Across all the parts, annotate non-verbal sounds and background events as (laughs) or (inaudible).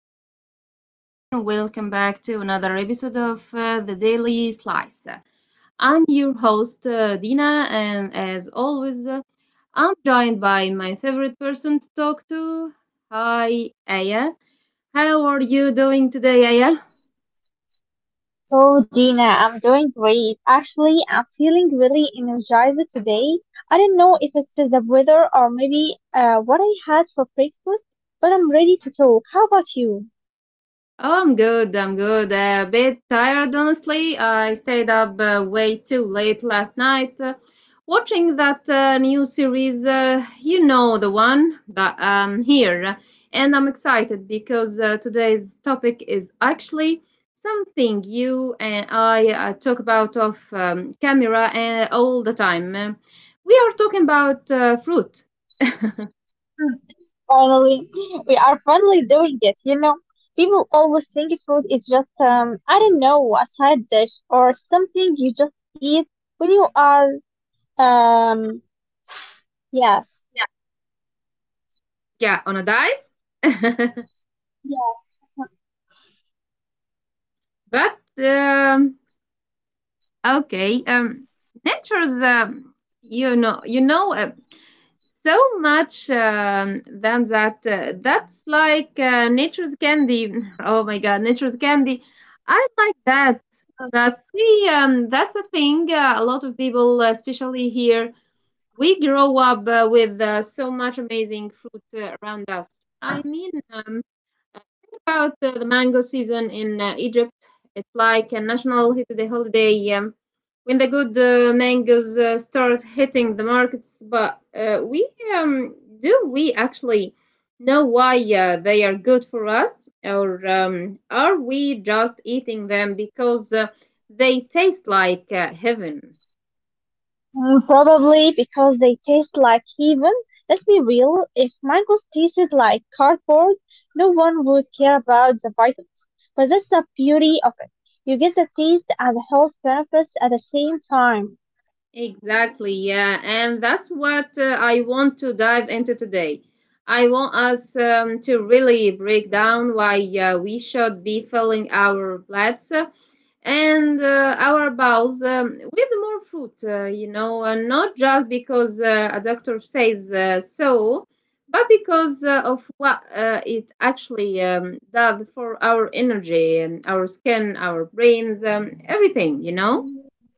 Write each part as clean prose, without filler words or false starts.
Hello, hello, everyone. Welcome back to another episode of the Daily Slice. I'm your host, Dina, and as always, I'm joined by my favorite person to talk to. Hi, Aya. How are you doing today, Aya? Oh, Dina, I'm doing great. Actually, I'm feeling really energized today. I don't know if it's the weather or maybe what I had for breakfast, but I'm ready to talk. How about you? Oh, I'm good. I'm good. A bit tired, honestly. I stayed up way too late last night watching that new series. You know the one, but here, and I'm excited because today's topic is actually something you and I talk about off camera and all the time. We are talking about fruit. Hmm, Finally, (laughs) we are finally doing it. You know, people always think food is just, I don't know, a side dish or something you just eat when you are, um, yes. Yeah, on a diet. (laughs) Yeah. but Okay. Nature's you know, you know, uh, so much than that. That's like nature's candy. (laughs) Oh my God, nature's candy. I like that. But see, that's the thing. A lot of people, especially here, we grow up with so much amazing fruit around us. I mean, about the mango season in Egypt. It's like a national holiday when the good mangoes start hitting the markets, but we do we actually know why they are good for us, or are we just eating them because they taste like heaven? Probably because they taste like heaven. Let's be real, if mangoes tasted like cardboard, no one would care about the vitamins. But that's the beauty of it. You get the taste and the health benefits at the same time. Exactly, yeah. And that's what I want to dive into today. I want us to really break down why we should be filling our plates and our bowels with more fruit, and not just because a doctor says so, but because of what it actually does for our energy, and our skin, our brains, everything, you know? Mm,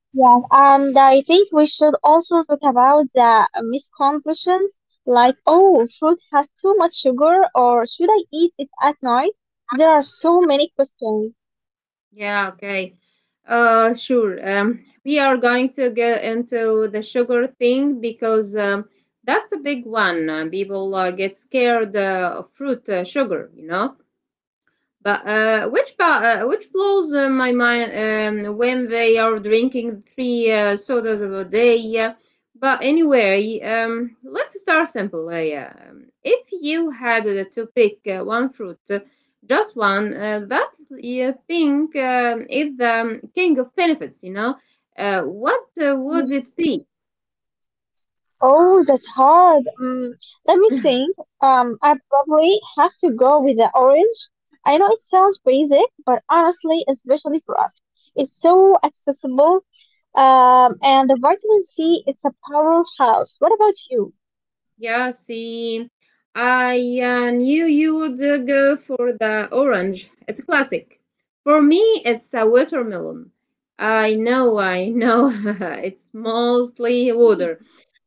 Yeah, and I think we should also talk about the misconceptions like, oh, fruit has too much sugar or should I eat it at night? There are so many questions. Yeah, okay. Sure. We are going to get into the sugar thing because that's a big one. People get scared of fruit sugar, you know? But which blows my mind when they are drinking three sodas a day. But anyway, let's start simple. Yeah. If you had to pick one fruit, just one, that you think is the king of benefits, what would it be? Oh, that's hard. Let me think. I probably have to go with the orange. I know it sounds basic, but honestly, especially for us, it's so accessible. And the vitamin C, it's a powerhouse. What about you? Yeah, see, I knew you would go for the orange. It's a classic. For me, it's a watermelon. I know, (laughs) it's mostly water,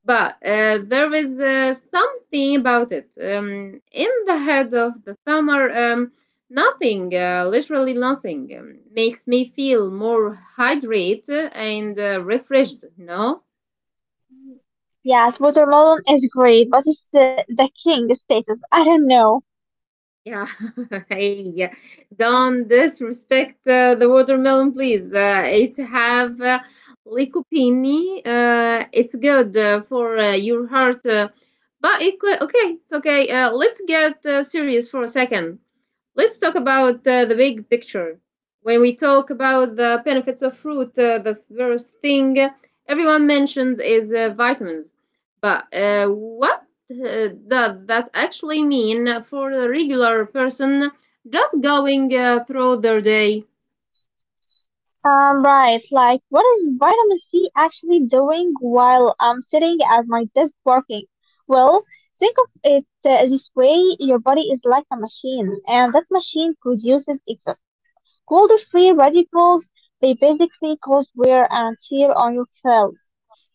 but there is something about it. In the head of the summer, nothing, literally nothing, makes me feel more hydrated and refreshed, No. Yes, watermelon is great, but it's the, king status. I don't know. Yeah, (laughs) hey, yeah. Don't disrespect the watermelon, please. It have lycopene. It's good for your heart, but it could, okay, it's okay. Let's get serious for a second. Let's talk about the big picture. When we talk about the benefits of fruit, the first thing everyone mentions is vitamins. But what that actually mean for a regular person just going through their day. Right, like what is vitamin C actually doing while I'm sitting at my desk working? Well, think of it this way, your body is like a machine, and that machine produces exhaust. Cold free radicals, they basically cause wear and tear on your cells,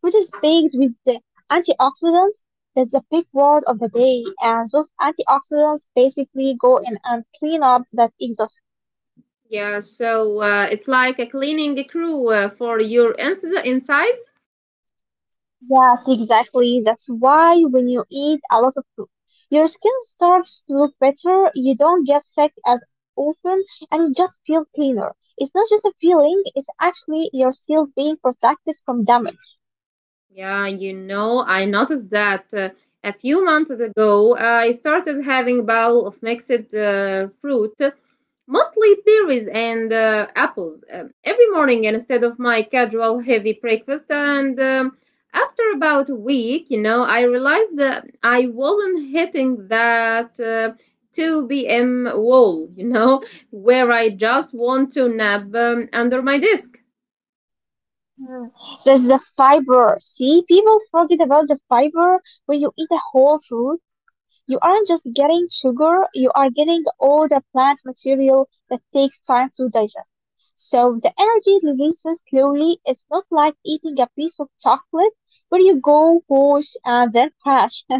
which is baked with the antioxidants. That's the big word of the day, and those antioxidants basically go in and clean up that exhaust. Yeah, so it's like a cleaning crew for your insides. Yes, exactly. That's why when you eat a lot of fruit, your skin starts to look better, you don't get sick as often, and you just feel cleaner. It's not just a feeling, it's actually your cells being protected from damage. Yeah, I noticed that a few months ago I started having bowl of mixed fruit, mostly berries and apples every morning instead of my casual heavy breakfast. And after about a week, I realized that I wasn't hitting that 2 p.m. wall, (laughs) where I just want to nap under my desk. Mm. That's the fiber. See, people forget about the fiber when you eat a whole fruit. You aren't just getting sugar, you are getting all the plant material that takes time to digest. So the energy releases slowly. It's not like eating a piece of chocolate where you go, push, and then crash. (laughs)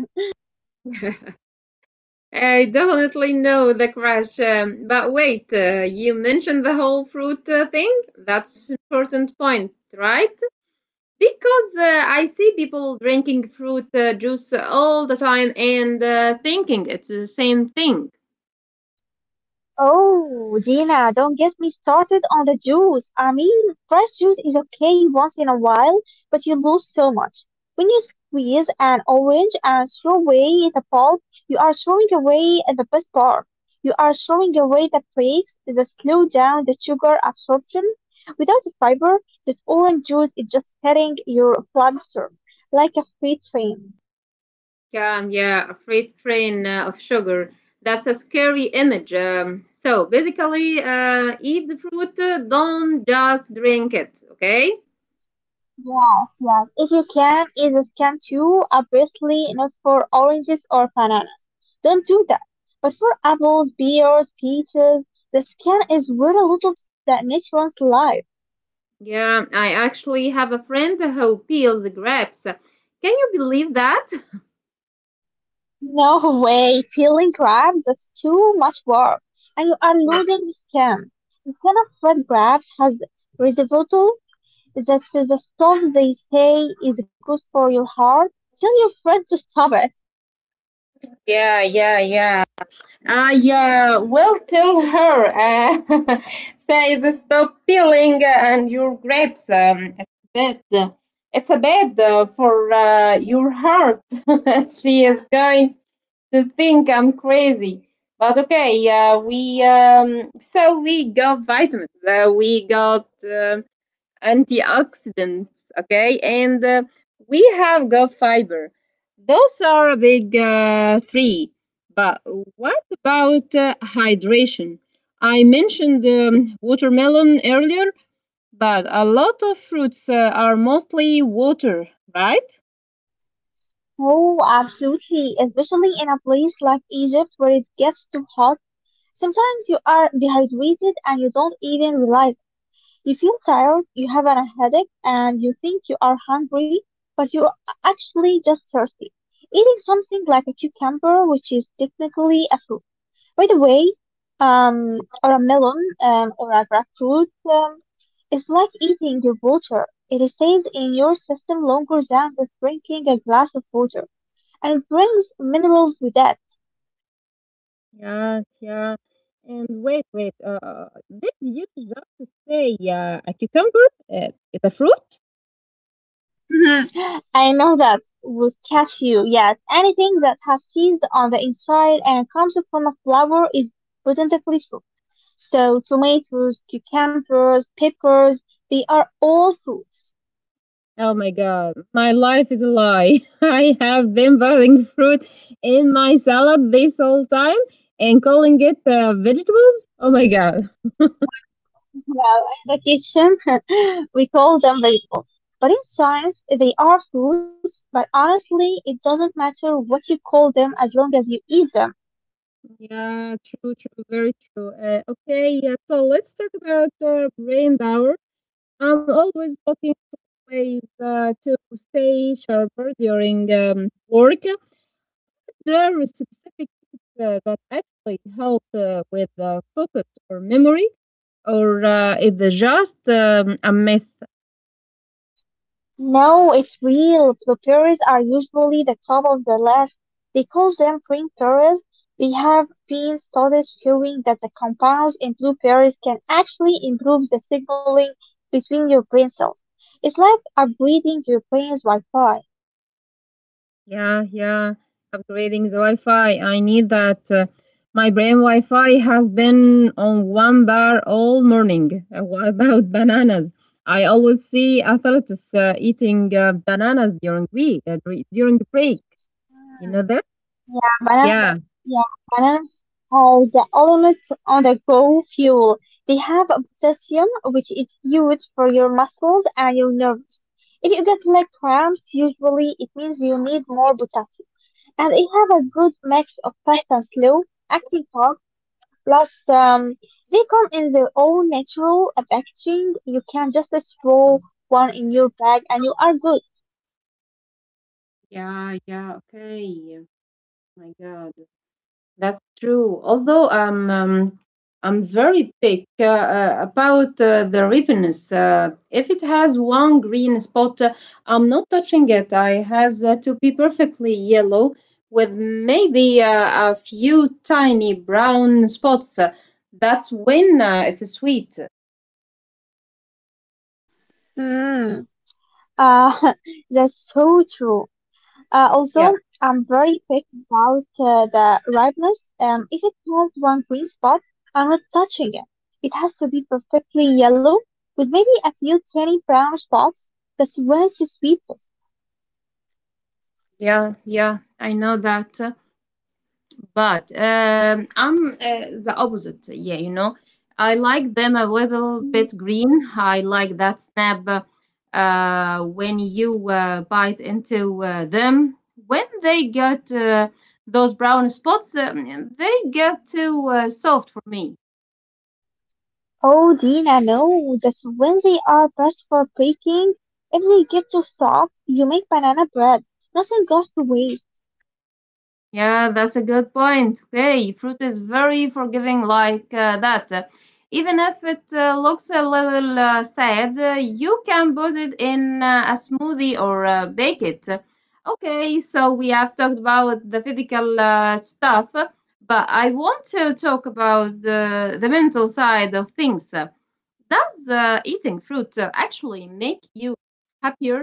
I definitely know the crash. But wait, you mentioned the whole fruit thing? That's an important point, right? Because I see people drinking fruit juice all the time and thinking it's the same thing. Oh, Gina, don't get me started on the juice. I mean, fresh juice is okay once in a while, but you lose so much. When you squeeze an orange and throw away the pulp, you are throwing away the best part. You are throwing away the flakes that slow down the sugar absorption. Without the fiber, that orange juice is just hitting your bloodstream like a freight train. Yeah, a freight train of sugar. That's a scary image. So basically, eat the fruit, don't just drink it, okay? Yes, yes. If you can, eat a scan too, obviously not for oranges or bananas. Don't do that. But for apples, pears, peaches, the skin is where a lot of that nutrients life. Yeah, I actually have a friend who peels grapes. Can you believe that? (laughs) No, (laughs) way, peeling grapes, that's too much work. And you are Yeah. losing the skin. The skin of red grapes has resveratrol, that's the stuff they say is good for your heart. Tell your friend to stop it. Yeah, yeah, yeah. Ah, yeah. Well, tell her. (laughs) Say, stop peeling and your grapes. It's bad. It's a bad for your heart. (laughs) She is going to think I'm crazy. But okay, we so we got vitamins. We got antioxidants, okay, and we have gut fiber. Those are big three. But what about hydration? I mentioned watermelon earlier, but a lot of fruits are mostly water, right? Oh, absolutely, especially in a place like Egypt where it gets too hot. Sometimes you are dehydrated and you don't even realize it. You feel tired, you have a headache, and you think you are hungry, but you are actually just thirsty. Eating something like a cucumber, which is technically a fruit, by the way, or a melon, or a grapefruit, is like eating your water. It stays in your system longer than just drinking a glass of water and brings minerals with it. Yeah, yeah. And wait, wait. Did you just say a cucumber uh, is a fruit? Mhm. I know that would catch you. Yes, anything that has seeds on the inside and comes from a flower is potentially fruit. So tomatoes, cucumbers, peppers, they are all fruits. Oh my God, my life is a lie. (laughs) I have been putting fruit in my salad this whole time and calling it vegetables. Oh my God. Well, well, in the kitchen (laughs) we call them vegetables. But in science, they are fruits, but honestly, it doesn't matter what you call them as long as you eat them. Yeah, true, true, very true. Okay, yeah, so let's talk about brain power. I'm always looking for ways to stay sharper during work. There are specific tips that actually help with focus or memory, or is it just a myth? No, it's real. Blueberries are usually the top of the list. They call them green berries. There have been studies showing that the compounds in blueberries can actually improve the signaling between your brain cells. It's like upgrading your brain's Wi-Fi. Yeah, yeah. Upgrading the Wi-Fi. I need that. My brain Wi-Fi has been on one bar all morning. What about (laughs) bananas? I always see athletes eating bananas during week during the break. You know that? Yeah, banana. Yeah. Yeah, banana. Are the element on the go fuel. They have a potassium, which is huge for your muscles and your nerves. If you get leg cramps, usually it means you need more potassium. And they have a good mix of fast and slow acting fat. Plus, they come in their own natural packaging. You can just throw one in your bag and you are good. Yeah, yeah, okay. My God. That's true. Although I'm very pick about the ripeness. If it has one green spot, I'm not touching it. I has to be perfectly yellow with maybe a few tiny brown spots. That's when it's sweet. Mm. Uh, (laughs) that's so true. Yeah, Also, I'm very picky about the ripeness. If it has one green spot, I'm not touching it. It has to be perfectly yellow with maybe a few tiny brown spots. That's when it's sweetest. yeah, yeah. I know that. But I'm the opposite. Yeah, I like them a little Mm, bit green. I like that snap when you bite into them. When they get those brown spots, they get too soft for me. Oh, Dina, no, that's when they are best for baking. If they get too soft, you make banana bread. Nothing goes to waste. Yeah, that's a good point. Okay, fruit is very forgiving like that. Even if it looks a little sad, you can put it in a smoothie or bake it. Okay, so we have talked about the physical stuff, but I want to talk about the mental side of things. Does eating fruit actually make you happier?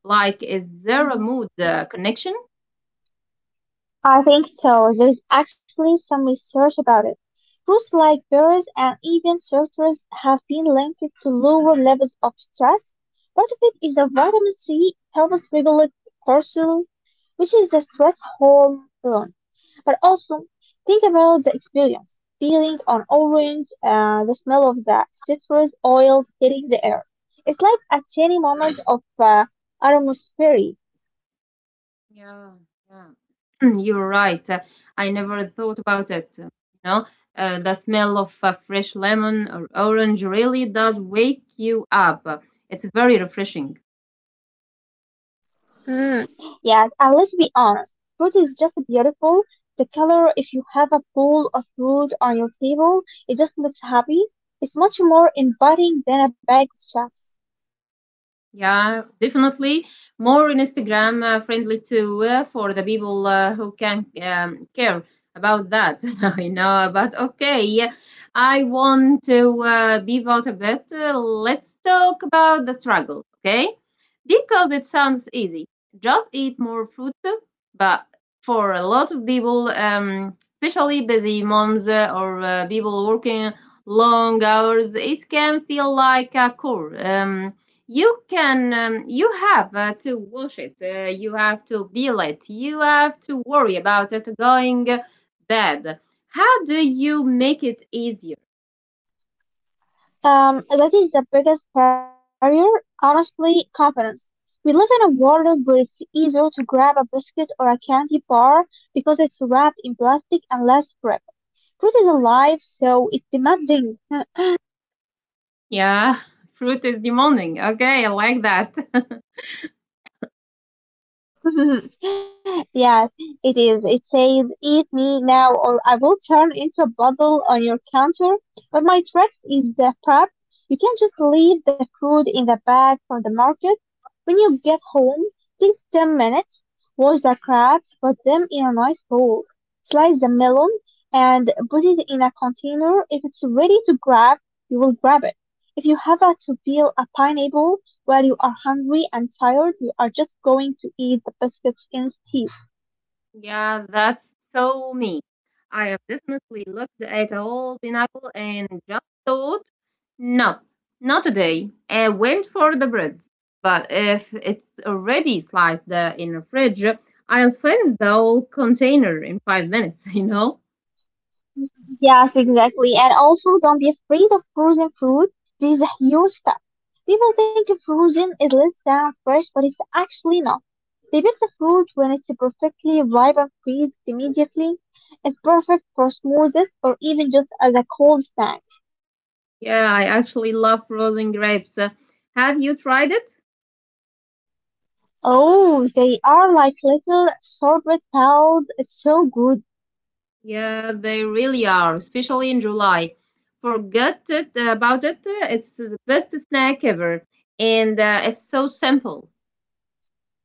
Like, is there a mood connection? I think so. There's actually some research about it. Foods like berries and even citrus have been linked to lower levels of stress. Part of it is the vitamin C helps regulate cortisol, which is the stress hormone. But also, think about the experience. Peeling an orange, the smell of the citrus oils hitting the air. It's like a tiny moment of atmosphere. Yeah, yeah. (clears throat) You're right. I never thought about it. Know, the smell of fresh lemon or orange really does wake you up. It's very refreshing. Mm, yes, and let's be honest, fruit is just beautiful. The color, if you have a bowl of fruit on your table, it just looks happy. It's much more inviting than a bag of chips. Yeah, definitely. More in Instagram friendly too for the people who can care about that. (laughs) I know, but okay. Yeah, I want to be out a bit. Let's talk about the struggle, okay? Because it sounds easy. Just eat more fruit, but for a lot of people, especially busy moms or people working long hours, it can feel like a chore. You have to wash it. You have to peel it. You have to worry about it going bad. How do you make it easier? That is the biggest barrier, honestly, confidence. We live in a world where it's easier to grab a biscuit or a candy bar because it's wrapped in plastic and less grip. Fruit is alive, so it's demanding. Yeah, (laughs) fruit is demanding. Okay, I like that. (laughs) (laughs) Yes, it is. It says, eat me now or I will turn into a bubble on your counter. But my tricks is the prep. You can just leave the food in the bag from the market. When you get home, take 10 minutes, wash the crabs, put them in a nice bowl, slice the melon, and put it in a container. If it's ready to grab, you will grab it. If you have to peel a pineapple, while you are hungry and tired, you are just going to eat the biscuits instead. Yeah, that's so me. I have definitely looked at a whole pineapple and just thought, no, not today. I went for the bread. But if it's already sliced in the fridge, I'll finish the whole container in 5 minutes, (laughs) you know? Yes, exactly. And also, don't be afraid of frozen fruit. This is a huge step. People think frozen is less than fresh, but it's actually not. They pick the fruit when it's perfectly ripe and freeze immediately. It's perfect for smoothies or even just as a cold snack. Yeah, I actually love frozen grapes. Have you tried it? Oh, they are like little sorbet balls. It's so good. Yeah, they really are, especially in July. Forget it about it. It's the best snack ever, and it's so simple.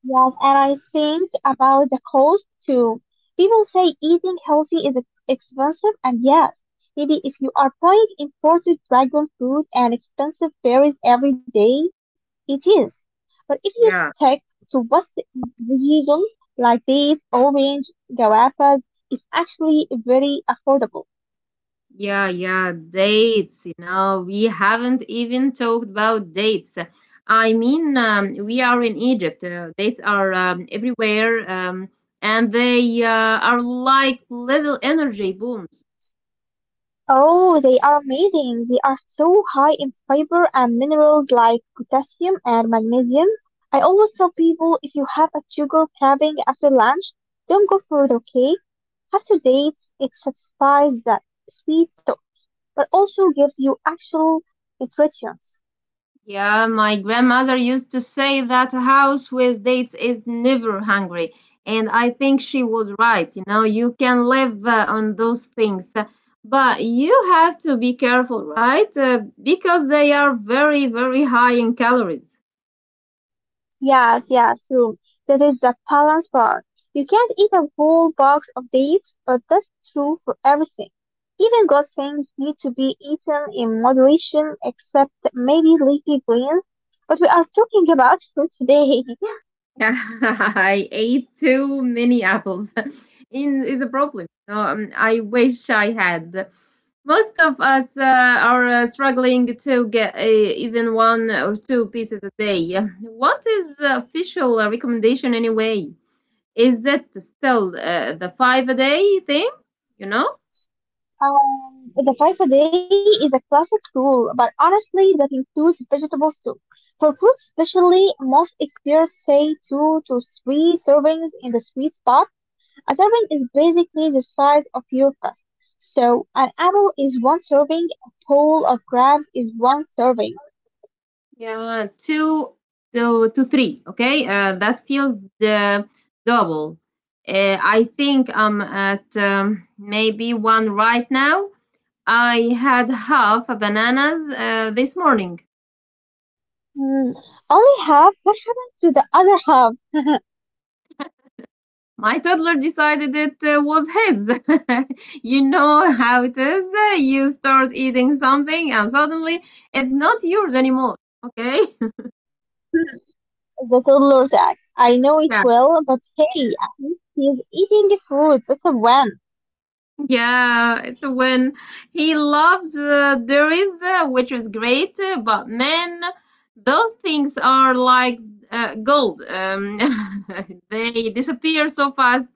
Yes, and I think about the cost too. People say eating healthy is ex- expensive, and yes, maybe if you are buying imported dragon fruit and expensive berries every day, it is. But if you stick Yeah, to what's reason, like dates, orange, guavas, it's actually very affordable. yeah, yeah. Dates, we haven't even talked about dates. I mean, we are in Egypt. Dates are everywhere, and they are like little energy booms. Oh, they are amazing. They are so high in fiber and minerals like potassium and magnesium. I always tell people if you have a sugar craving after lunch, don't go for it, okay? After dates, it satisfies that sweet tooth, but also gives you actual nutrients. Yeah, my grandmother used to say that a house with dates is never hungry. And I think she was right. You can live on those things. But you have to be careful, right? Because they are very, very high in calories. Yeah, yeah, true. That is the balance part. You can't eat a whole box of dates, but that's true for everything. Even good things need to be eaten in moderation, except maybe leafy greens. But we are talking about fruit today. (laughs) (laughs) I ate too many apples. (laughs) In is a problem. So, I wish I had. Most of us are struggling to get even one or two pieces a day. What is the official recommendation anyway? Is it still the five a day thing? You know? The five a day is a classic rule, but honestly, that includes vegetables too. For fruit, especially, most experts say two to three servings in the sweet spot. A serving is basically the size of your fist. So an apple is one serving, a bowl of crabs is one serving. Yeah, two to three. Okay, that feels the double. I think I'm at maybe one right now. I had half a bananas this morning. Hmm. Only half? What happened to the other half? (laughs) My toddler decided it was his. (laughs) You know how it is. You start eating something and suddenly it's not yours anymore. Okay. (laughs) The toddler tax. I know it Yeah. well, but hey, at least he's eating the fruits. That's a win. Yeah, it's a win. He loves there is, which is great, but man, those things are like gold. (laughs) They disappear so fast.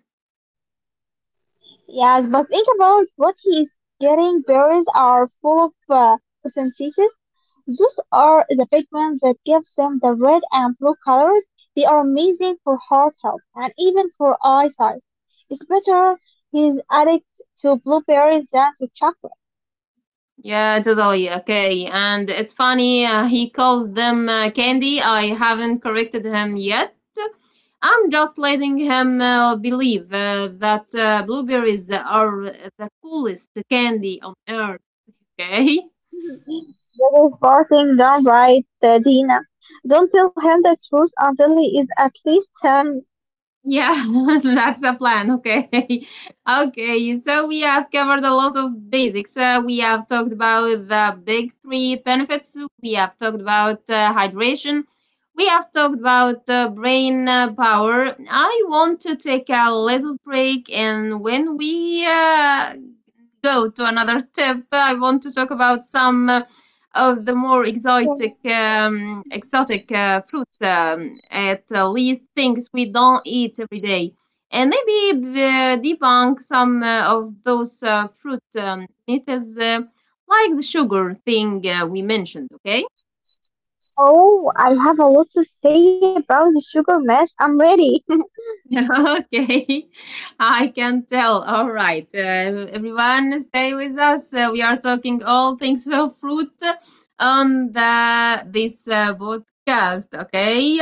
Yes, but think about what he's getting. Berries are full of photosynthesis. Those are the pigments that gives them the red and blue colors. They are amazing for heart health and even for eyesight. It's better he's addict to blueberries than to chocolate. Yeah, totally. Okay, and it's funny. He calls them candy. I haven't corrected him yet. I'm just letting him believe that blueberries are the coolest candy on earth. (laughs) Okay. (laughs) That is barking downright, Dina. Don't tell him the truth until he is at least 10. Yeah, (laughs) that's a plan. Okay. (laughs) Okay. So we have covered a lot of basics. We have talked about the big three benefits. We have talked about hydration. We have talked about brain power. I want to take a little break. And when we go to another tip, I want to talk about some of the more exotic exotic fruits at least things we don't eat every day and maybe debunk some of those fruit methods, like the sugar thing we mentioned. Okay. Oh, I have a lot to say about the sugar mess. I'm ready. (laughs) Okay, I can tell. All right, everyone stay with us, we are talking all things of fruit on the this podcast. Okay.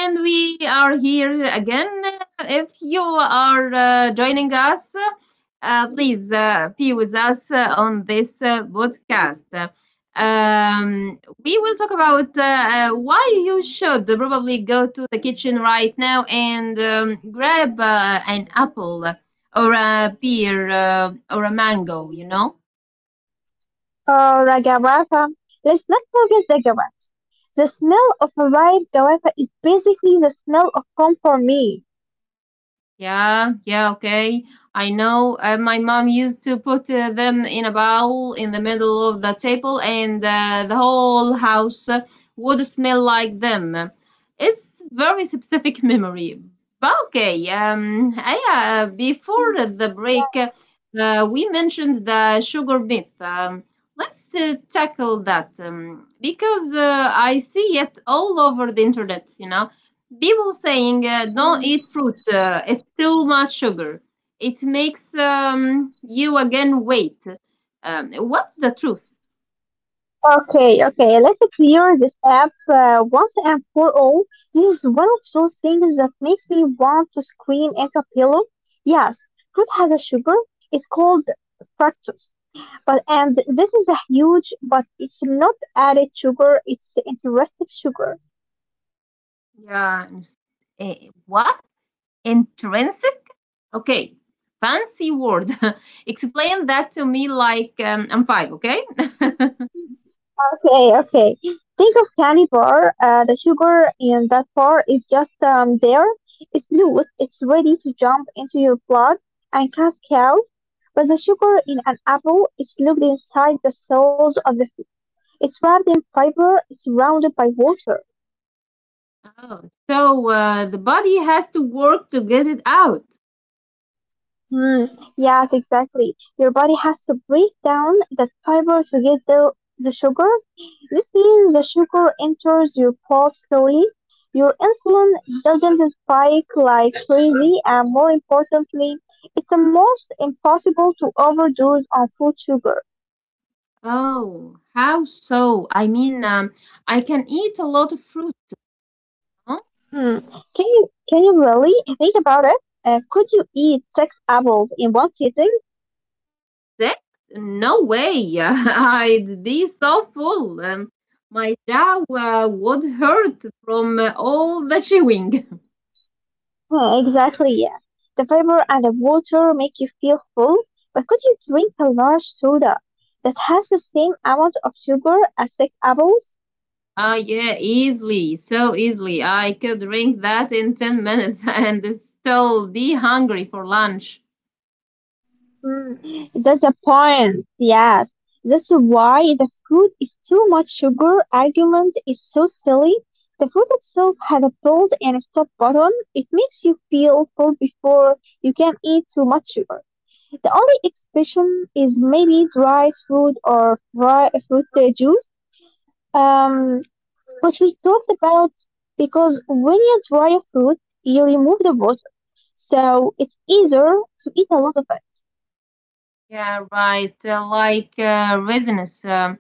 And we are here again. If you are joining us, please be with us on this podcast. We will talk about why you should probably go to the kitchen right now and grab an apple or a pear or a mango, you know? Oh, Ragavaka. Let's not forget the Ragavaka. The smell of a ripe guava is basically the smell of home for me. Yeah, yeah, okay. I know my mom used to put them in a bowl in the middle of the table, and the whole house would smell like them. It's very specific (laughs) memory. But okay, yeah, before the break, we mentioned the sugar myth. Let's tackle that, because I see it all over the internet, you know, people saying, don't eat fruit, it's too much sugar, it makes, you again weight, what's the truth? Okay, okay, let's clear this up once and for all. This is one of those things that makes me want to scream into a pillow. Yes, fruit has a sugar. It's called fructose. But and this is a huge, but it's not added sugar. It's interesting sugar. Yeah. uh, what? Intrinsic. Okay. Fancy word. (laughs) Explain that to me like I'm five. Okay. Okay, okay. Think of candy bar. The sugar in that bar is just there. It's loose. It's ready to jump into your blood and cast out. But the sugar in an apple is looped inside the cells of the fruit. It's wrapped in fiber. It's surrounded by water. Oh. So the body has to work to get it out? Hmm. Yes, exactly. Your body has to break down that fiber to get the sugar. This means the sugar enters your pulse slowly, your insulin doesn't spike like crazy, and more importantly, it's almost impossible to overdose on food sugar. Oh, how so? I mean, I can eat a lot of fruit. Huh? Hmm. Can you really think about it? Could you eat six apples in one sitting? Six? No way. (laughs) I'd be so full. My jaw would hurt from all the chewing. (laughs) Hmm, exactly, yeah. The fiber and the water make you feel full, but could you drink a large soda that has the same amount of sugar as six apples? Ah, yeah, easily. So easily. I could drink that in 10 minutes (laughs) and still be hungry for lunch. Mm, that's the point. Yes. That's why the fruit is too much sugar argument is so silly. The fruit itself has a pause and stop button. It makes you feel full before you can eat too much sugar. The only exception is maybe dried fruit or dry fruit juice. Um, but we talked about because when you dry a fruit, you remove the water. So it's easier to eat a lot of it. Yeah, right. Like resinous.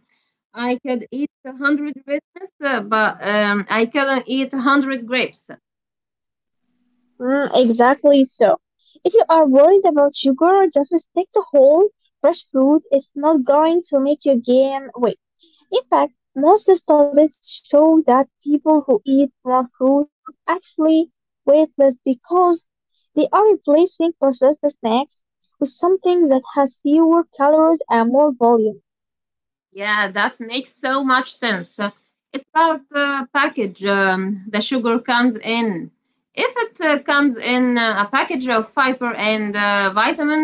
I could eat a 100 raisins, but I couldn't eat a 100 grapes. Mm, exactly so. If you are worried about sugar, just stick to whole, fresh fruit. It's not going to make you gain weight. In fact, most studies show that people who eat more fruit actually weight less because they are replacing processed snacks with something that has fewer calories and more volume. Yeah, that makes so much sense. It's about the package, the sugar comes in. If it comes in a package of fiber and vitamin,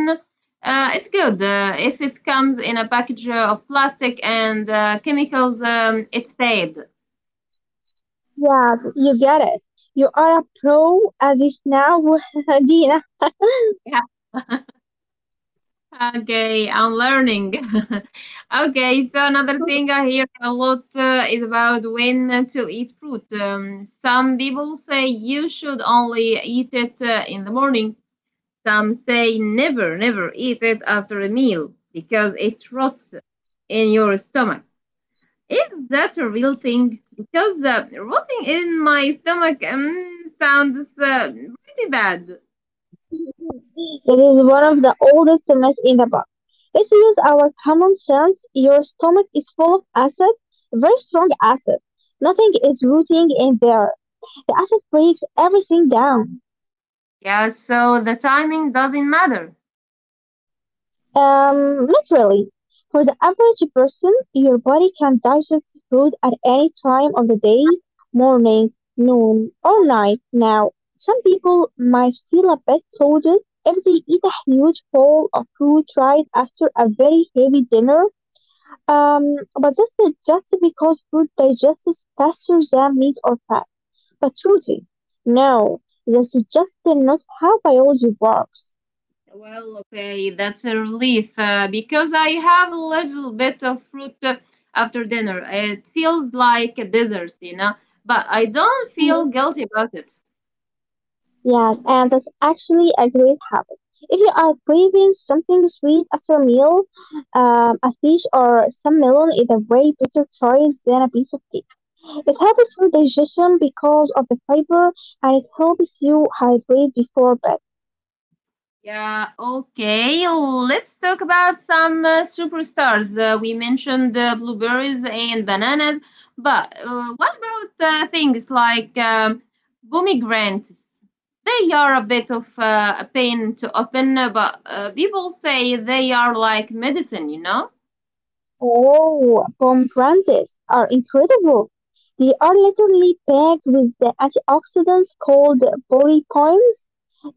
it's good. If it comes in a package of plastic and chemicals, it's bad. Yeah, you get it. You are a pro at this now, (laughs) Dina. Okay, I'm learning. (laughs) Okay, so another thing (laughs) I hear a lot is about when to eat fruit. Some people say you should only eat it in the morning. Some say never, never eat it after a meal because it rots in your stomach. Is that a real thing? Because rotting in my stomach sounds pretty bad. It is one of the oldest elements in the book. Let's use our common sense. Your stomach is full of acid, very strong acid. Nothing is rooting in there. The acid breaks everything down. Yeah, so the timing doesn't matter. Not really. For the average person, your body can digest food at any time of the day, morning, noon, or night. Now, some people might feel a bit bloated if they eat a huge bowl of fruit right after a very heavy dinner. But this is just because food digests faster than meat or fat. But protein, no, that's just not how biology works. Well, okay, that's a relief because I have a little bit of fruit after dinner. It feels like a dessert, you know, but I don't feel guilty about it. Yes, and that's actually a great habit. If you are craving something sweet after a meal, a fish or some melon is a way better choice than a piece of cake. It helps with digestion because of the fiber and it helps you hydrate before bed. Yeah, okay. Let's talk about some superstars. We mentioned blueberries and bananas, but what about things like pomegranates? They are a bit of a pain to open, but people say they are like medicine, you know? Oh, pomegranates are incredible. They are literally packed with the antioxidants called polyphenols.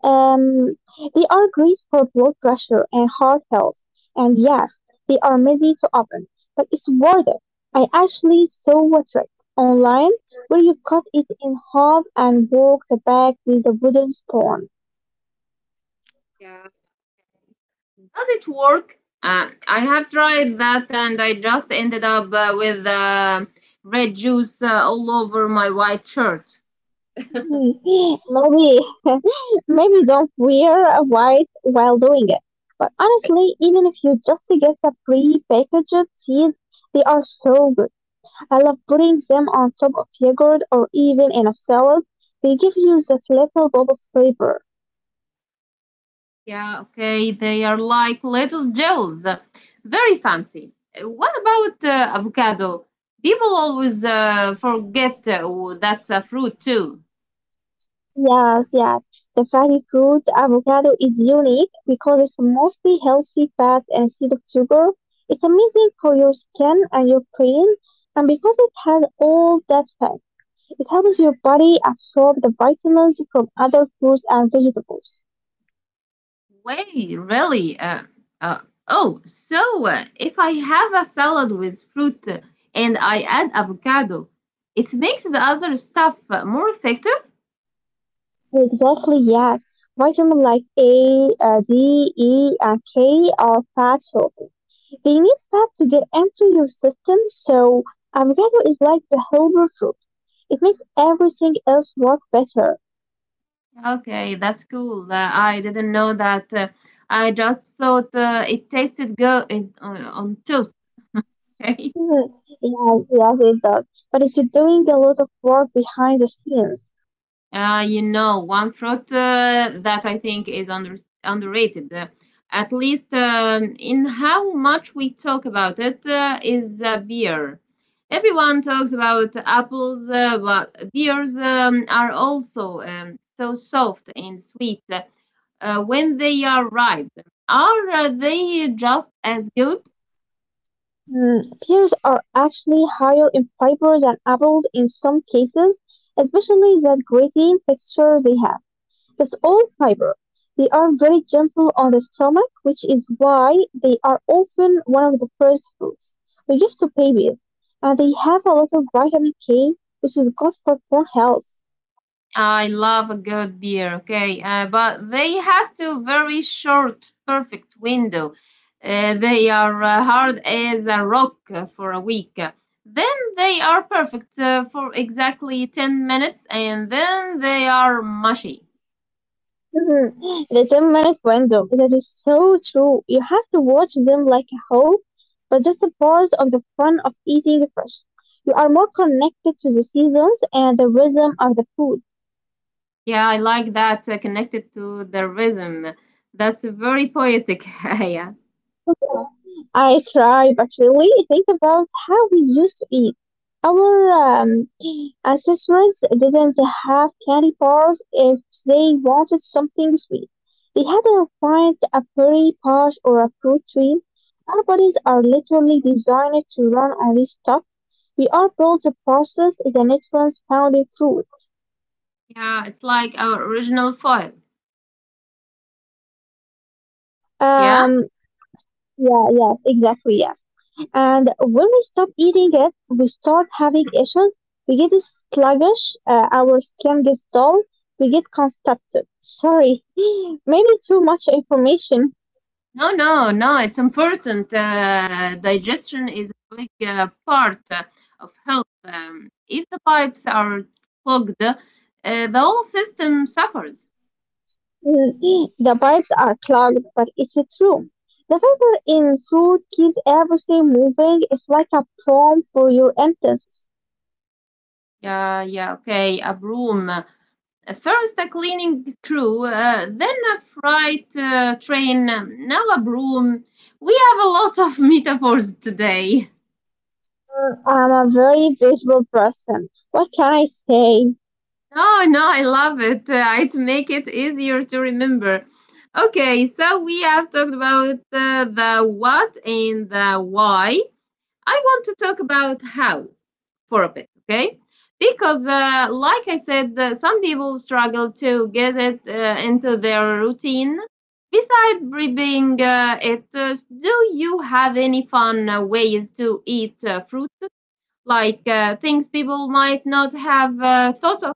Um, they are great for blood pressure and heart health. And yes, they are messy to open, but it's worth it. I actually saw a trick online where you cut it in half and walk the back with a wooden spoon. Yeah. Does it work? I have tried that and I just ended up with red juice all over my white shirt. Hmm, maybe, (laughs) maybe don't wear a white while doing it. But honestly, even if you just get the pre-packaged seeds, they are so good. I love putting them on top of yogurt or even in a salad. They give you that little bob of flavor. Yeah, okay, they are like little gels, very fancy. What about avocado? People always forget, that's a fruit too. Yes, yes. The fatty fruit avocado is unique because it's mostly healthy fat instead of sugar. It's amazing for your skin and your brain, and because it has all that fat, it helps your body absorb the vitamins from other fruits and vegetables. Wait, really? Uh, oh, so if I have a salad with fruit and I add avocado, it makes the other stuff more effective? Exactly, yes. Vitamins like A, D, E, and K are fat soluble. They need fat to get into your system, so avocado is like the helper fruit. It makes everything else work better. Okay, that's cool. I didn't know that. I just thought it tasted good in, on toast. (laughs) Mm, yeah, yeah, it does. But it's doing a lot of work behind the scenes. You know, one fruit that I think is underrated, at least in how much we talk about it, is beer. Everyone talks about apples, but beers are also so soft and sweet when they are ripe. Are they just as good? Mm, pears are actually higher in fiber than apples in some cases, especially that gritty texture they have. Because all fiber, they are very gentle on the stomach, which is why they are often one of the first foods we give to babies. And they have a lot of vitamin K, which is good for bone health. I love a good beer, okay, but they have to very short, perfect window. They are hard as a rock for a week. Then they are perfect for exactly 10 minutes and then they are mushy. Mhm. The 10-minute window, that is so true. You have to watch them like a whole, but that's a part of the fun of eating fresh. You are more connected to the seasons and the rhythm of the food. Yeah, I like that, connected to the rhythm. That's very poetic. (laughs) Yeah. (laughs) Oh, I try, but really think about how we used to eat. Our ancestors didn't have candy bars if they wanted something sweet. They had to find a pretty patch or a fruit tree. Our bodies are literally designed to run on this stuff. We are built to process the nutrients found in fruit. Yeah, it's like our original foil. Yeah. Yeah, yeah, yeah, exactly, yeah. And when we stop eating it, we start having issues. We get sluggish, our skin gets dull, we get constipated. Sorry, (laughs) maybe too much information. No, no, no. It's important. Digestion is a big part of health. If the pipes are clogged, the whole system suffers. Mm, the pipes are clogged, but it's true. The fiber in food keeps everything moving. It's like a prompt for your intestines. Yeah, yeah. Okay, a broom. First, a cleaning crew, then a freight train, now a broom. We have a lot of (laughs) metaphors today. I'm a very visual person. What can I say? No, no, I love it. It make it easier to remember. Okay, so we have talked about the what and the why. I want to talk about how for a bit, okay? Because, like I said, some people struggle to get it into their routine. Besides prepping it, do you have any fun ways to eat fruit? Like things people might not have thought.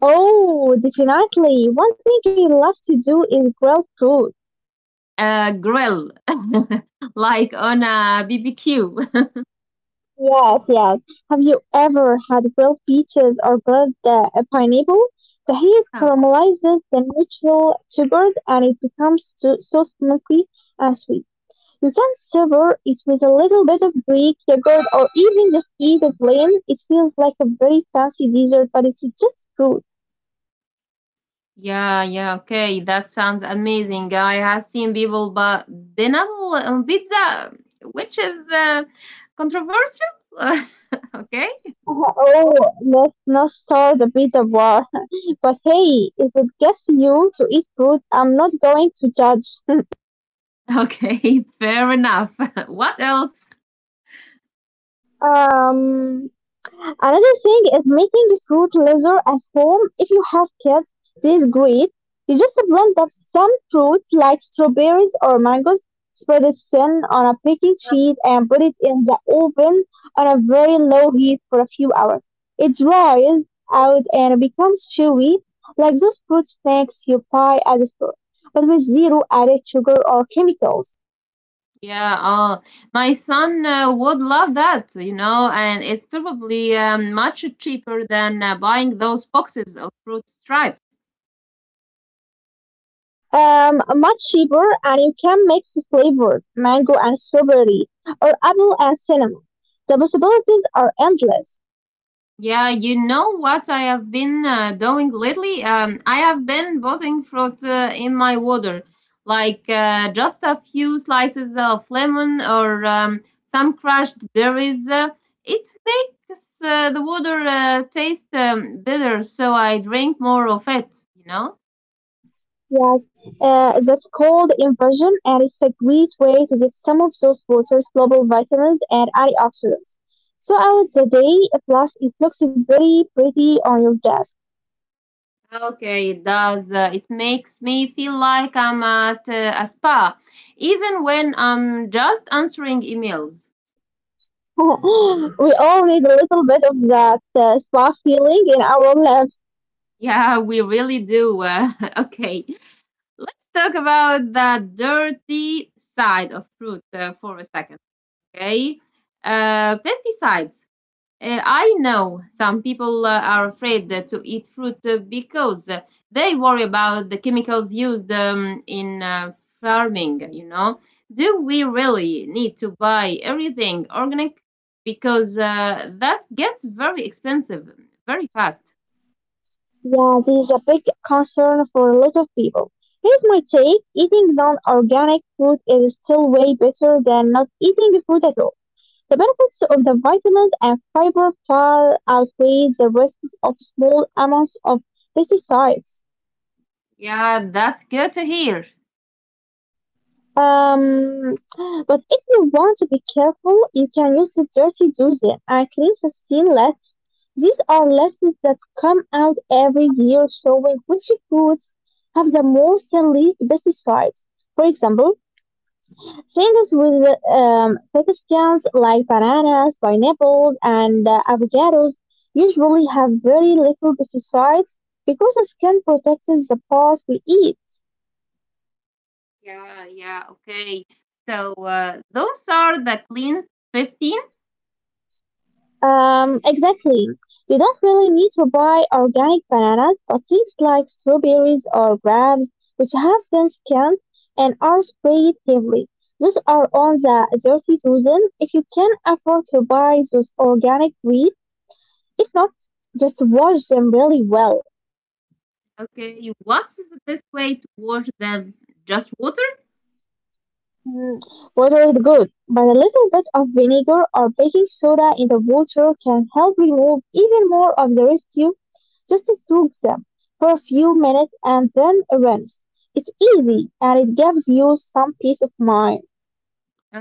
Oh, definitely. One thing I love to do is grill food. A grill, (laughs) like on a BBQ. (laughs) Yes, yes. Have you ever had grilled peaches or grilled pineapple? The heat Oh, caramelizes the natural sugars and it becomes so, so smoky and sweet. You can savor it with a little bit of Greek yogurt or even just eat it plain. It feels like a very fancy dessert, but it's just fruit. (laughs) yeah, yeah, okay, that sounds amazing. I have seen people but pineapple on pizza, which is controversial. (laughs) Okay, Uh, Oh, let's not start a pizza war. (laughs) But hey, if it gets you to eat fruit, I'm not going to judge. okay, (laughs) fair enough. (laughs) What else? (laughs) Um, Another thing is making fruit leather at home. If you have kids, this is great. You just blend up some fruit like strawberries or mangoes, spread it thin on a baking sheet, and put it in the oven on a very low heat for a few hours. It dries out and becomes chewy, like those fruit snacks you buy at the store, but with zero added sugar or chemicals. Yeah, oh, my son would love that, you know, and it's probably much cheaper than buying those boxes of fruit stripe. Much cheaper, and you can mix the flavors mango and strawberry or apple and cinnamon. The possibilities are endless. Yeah, you know what I have been doing lately? I have been putting fruit in my water, like just a few slices of lemon or some crushed berries. It makes the water taste better, so I drink more of it, you know? Yes, that's called infusion and it's a great way to get some of those water's global vitamins and antioxidants throughout the day. Plus, it looks very pretty on your desk. Okay, it does. It makes me feel like I'm at a spa, even when I'm just answering emails. (laughs) We all need a little bit of that spa feeling in our lives. Yeah, we really do. (laughs) Okay, let's talk about the dirty side of fruit for a second. Okay, pesticides. I know some people are afraid to eat fruit because they worry about the chemicals used in farming. You know, do we really need to buy everything organic? Because that gets very expensive very fast. Yeah, this is a big concern for a lot of people. Here's my take. Eating non-organic food is still way better than not eating food at all. The benefits of the vitamins and fiber far outweigh the risks of small amounts of pesticides. Yeah, that's good to hear. Um, but if you want to be careful, you can use the dirty dozen and clean 15 lists. These are lists that come out every year showing which foods have the most elite pesticides. For example, things with pesticans like bananas, pineapples, and avocados usually have very little pesticides because the skin protects the part we eat. Yeah, yeah, okay. So those are the clean 15. Exactly. You don't really need to buy organic bananas, but things like strawberries or grapes, which have been scanned and are sprayed heavily, those are on the dirty dozen. If you can afford to buy those organic weed, if not, just wash them really well. Okay, what's the best way to wash them? Just water? Mm, water is good, but a little bit of vinegar or baking soda in the water can help remove even more of the residue. Just soak them for a few minutes and then rinse. It's easy and it gives you some peace of mind.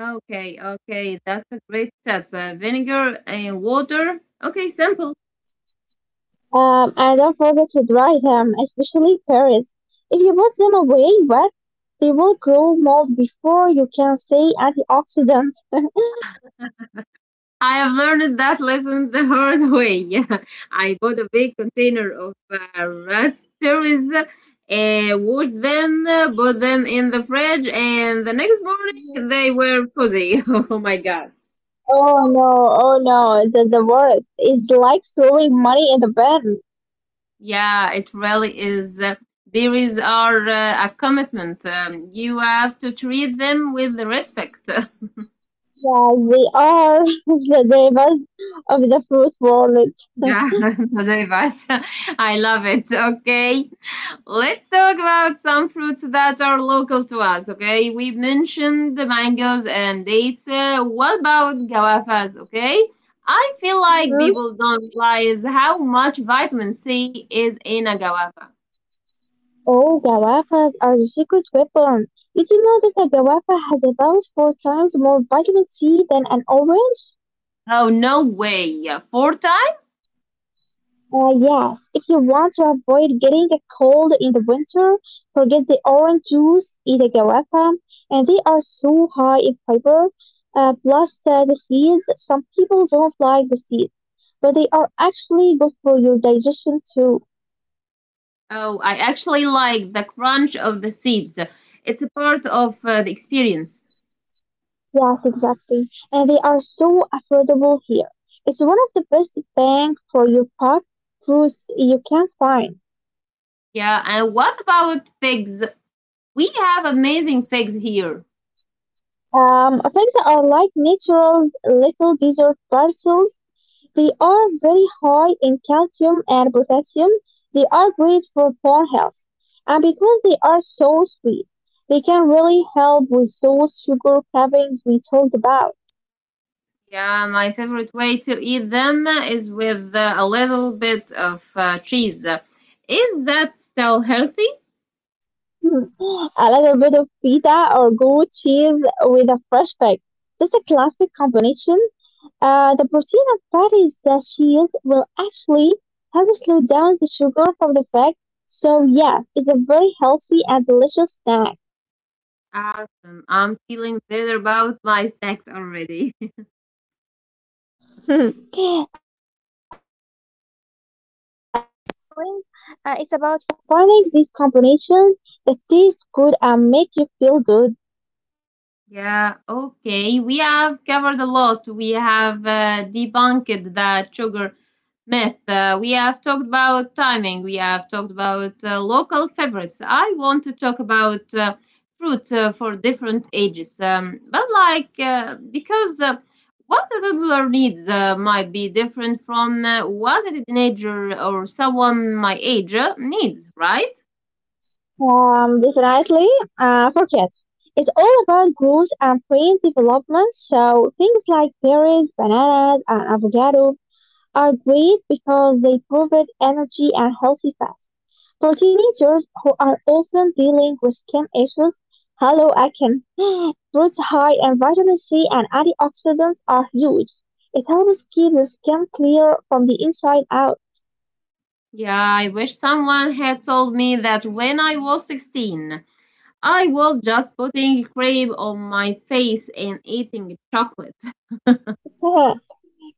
Okay, okay, that's a great step. Vinegar and water. Okay, simple. And don't forget to dry them, especially pears. If you put them away wet, they will grow mold before you can say antioxidant. I have learned that lesson the hard way. (laughs) I bought a big container of raspberries, washed them, put them in the fridge, and the next morning they were fuzzy. (laughs) Oh my god. Oh no, oh no, the worst. It's like throwing money in the bin. Yeah, it really is. There is our a commitment. You have to treat them with respect. (laughs) Yeah, they are (laughs) the divas of the fruit world. Yeah, (laughs) (laughs) advice. (laughs) I love it. Okay, let's talk about some fruits that are local to us. Okay, we mentioned the mangoes and dates. What about guavas? Okay, I feel like people Hmm? don't realize how much vitamin C is in a guava. Oh, guavas are the secret weapon. Did you know that a guava has about 4 times more vitamin C than an orange? Oh, no way. Four times? Yes, if you want to avoid getting a cold in the winter, forget the orange juice, eat a guava, and they are so high in fiber. Plus the seeds, some people don't like the seeds, but they are actually good for your digestion too. Oh, I actually like the crunch of the seeds. It's a part of the experience. Yes, exactly. And they are so affordable here. It's one of the best bang for your buck foods you can find. Yeah, and what about figs? We have amazing figs here. Things are like naturals, little dessert parcels. They are very high in calcium and potassium. They are great for bone health. And because they are so sweet, they can really help with those sugar cravings we talked about. Yeah, my favorite way to eat them is with a little bit of cheese. Is that still healthy? Hmm. A little bit of pita or goat cheese with a fresh bag. That's a classic combination. The protein and fat is the cheese will actually help slow down the sugar from the fat. So yeah, it's a very healthy and delicious snack. Awesome. I'm feeling better about my snacks already. (laughs) Hmm. When, it's about finding these combinations that taste good and make you feel good. Yeah, okay. We have covered a lot. We have debunked that sugar myth. We have talked about timing. We have talked about local favorites. I want to talk about fruit for different ages. But, like, because what a toddler needs might be different from what a teenager or someone my age needs, right? Definitely. For cats, it's all about growth and brain development. So things like berries, bananas, and avocado are great because they provide energy and healthy fat. For teenagers who are often dealing with skin issues, hello acne, (gasps) fruits high in vitamin C and antioxidants are huge. It helps keep the skin clear from the inside out. Yeah, I wish someone had told me that when I was 16. I was just putting cream on my face and eating chocolate. (laughs) (laughs)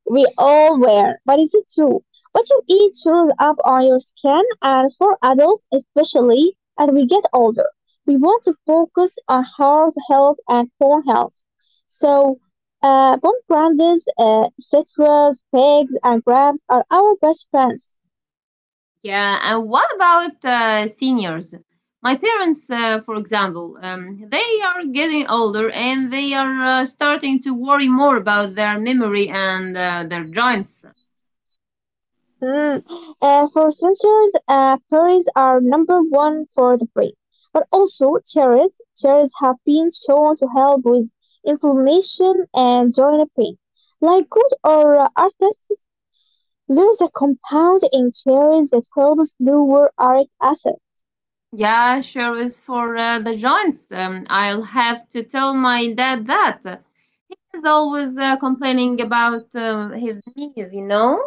We all wear, but is it true? What you eat shows up on your skin, and for adults especially, as we get older, we want to focus on heart health and bone health. So, pomegranate, citrus, figs, and grapes are our best friends. Yeah, and what about seniors? My parents, for example, they are getting older and they are starting to worry more about their memory and their joints. Mm. For centuries, fairies are number one for the brain, but also cherries. Cherries have been shown to help with inflammation and joint pain. Like good or artists, there is a compound in cherries that helps lower uric acid. Yeah, sure is for the joints. I'll have to tell my dad that. He's always complaining about his knees, you know?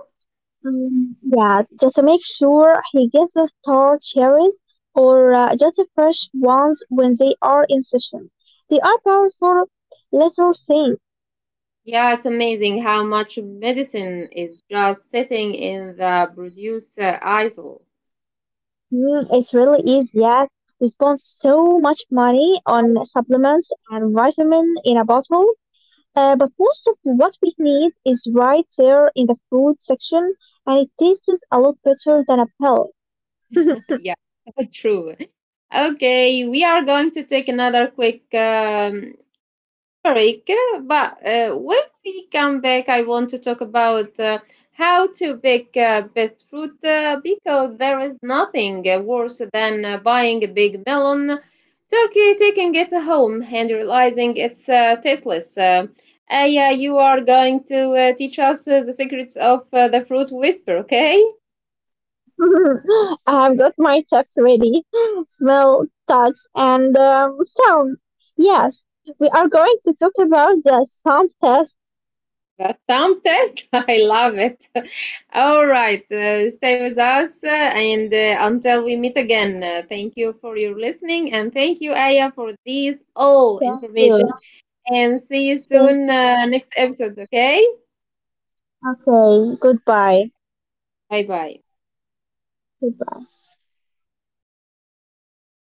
Mm, yeah, just to make sure he gets the star cherries or just the fresh ones when they are in session. They are powerful little things. Yeah, it's amazing how much medicine is just sitting in the producer aisle. Mm, it really is, yes. We spend so much money on (laughs) supplements and vitamin in a bottle, but most of what we need is right there in the food section, and it tastes a lot better than a pill. Yeah, (laughs) true. Okay, we are going to take another quick Eric, but when we come back, I want to talk about how to pick best fruit because there is nothing worse than buying a big melon, taking it home, and realizing it's tasteless. Aya, you are going to teach us the secrets of the fruit whisper, okay? (laughs) I've got my tips ready. Smell, touch, and sound. Yes, we are going to talk about the sound test. A thumb test? (laughs) I love it. (laughs) All right. Stay with us, and until we meet again, thank you for your listening. And thank you, Aya, for this all Thank information. you. And see you Thank soon, you. Next episode. Okay? Okay, goodbye. Bye bye. Goodbye.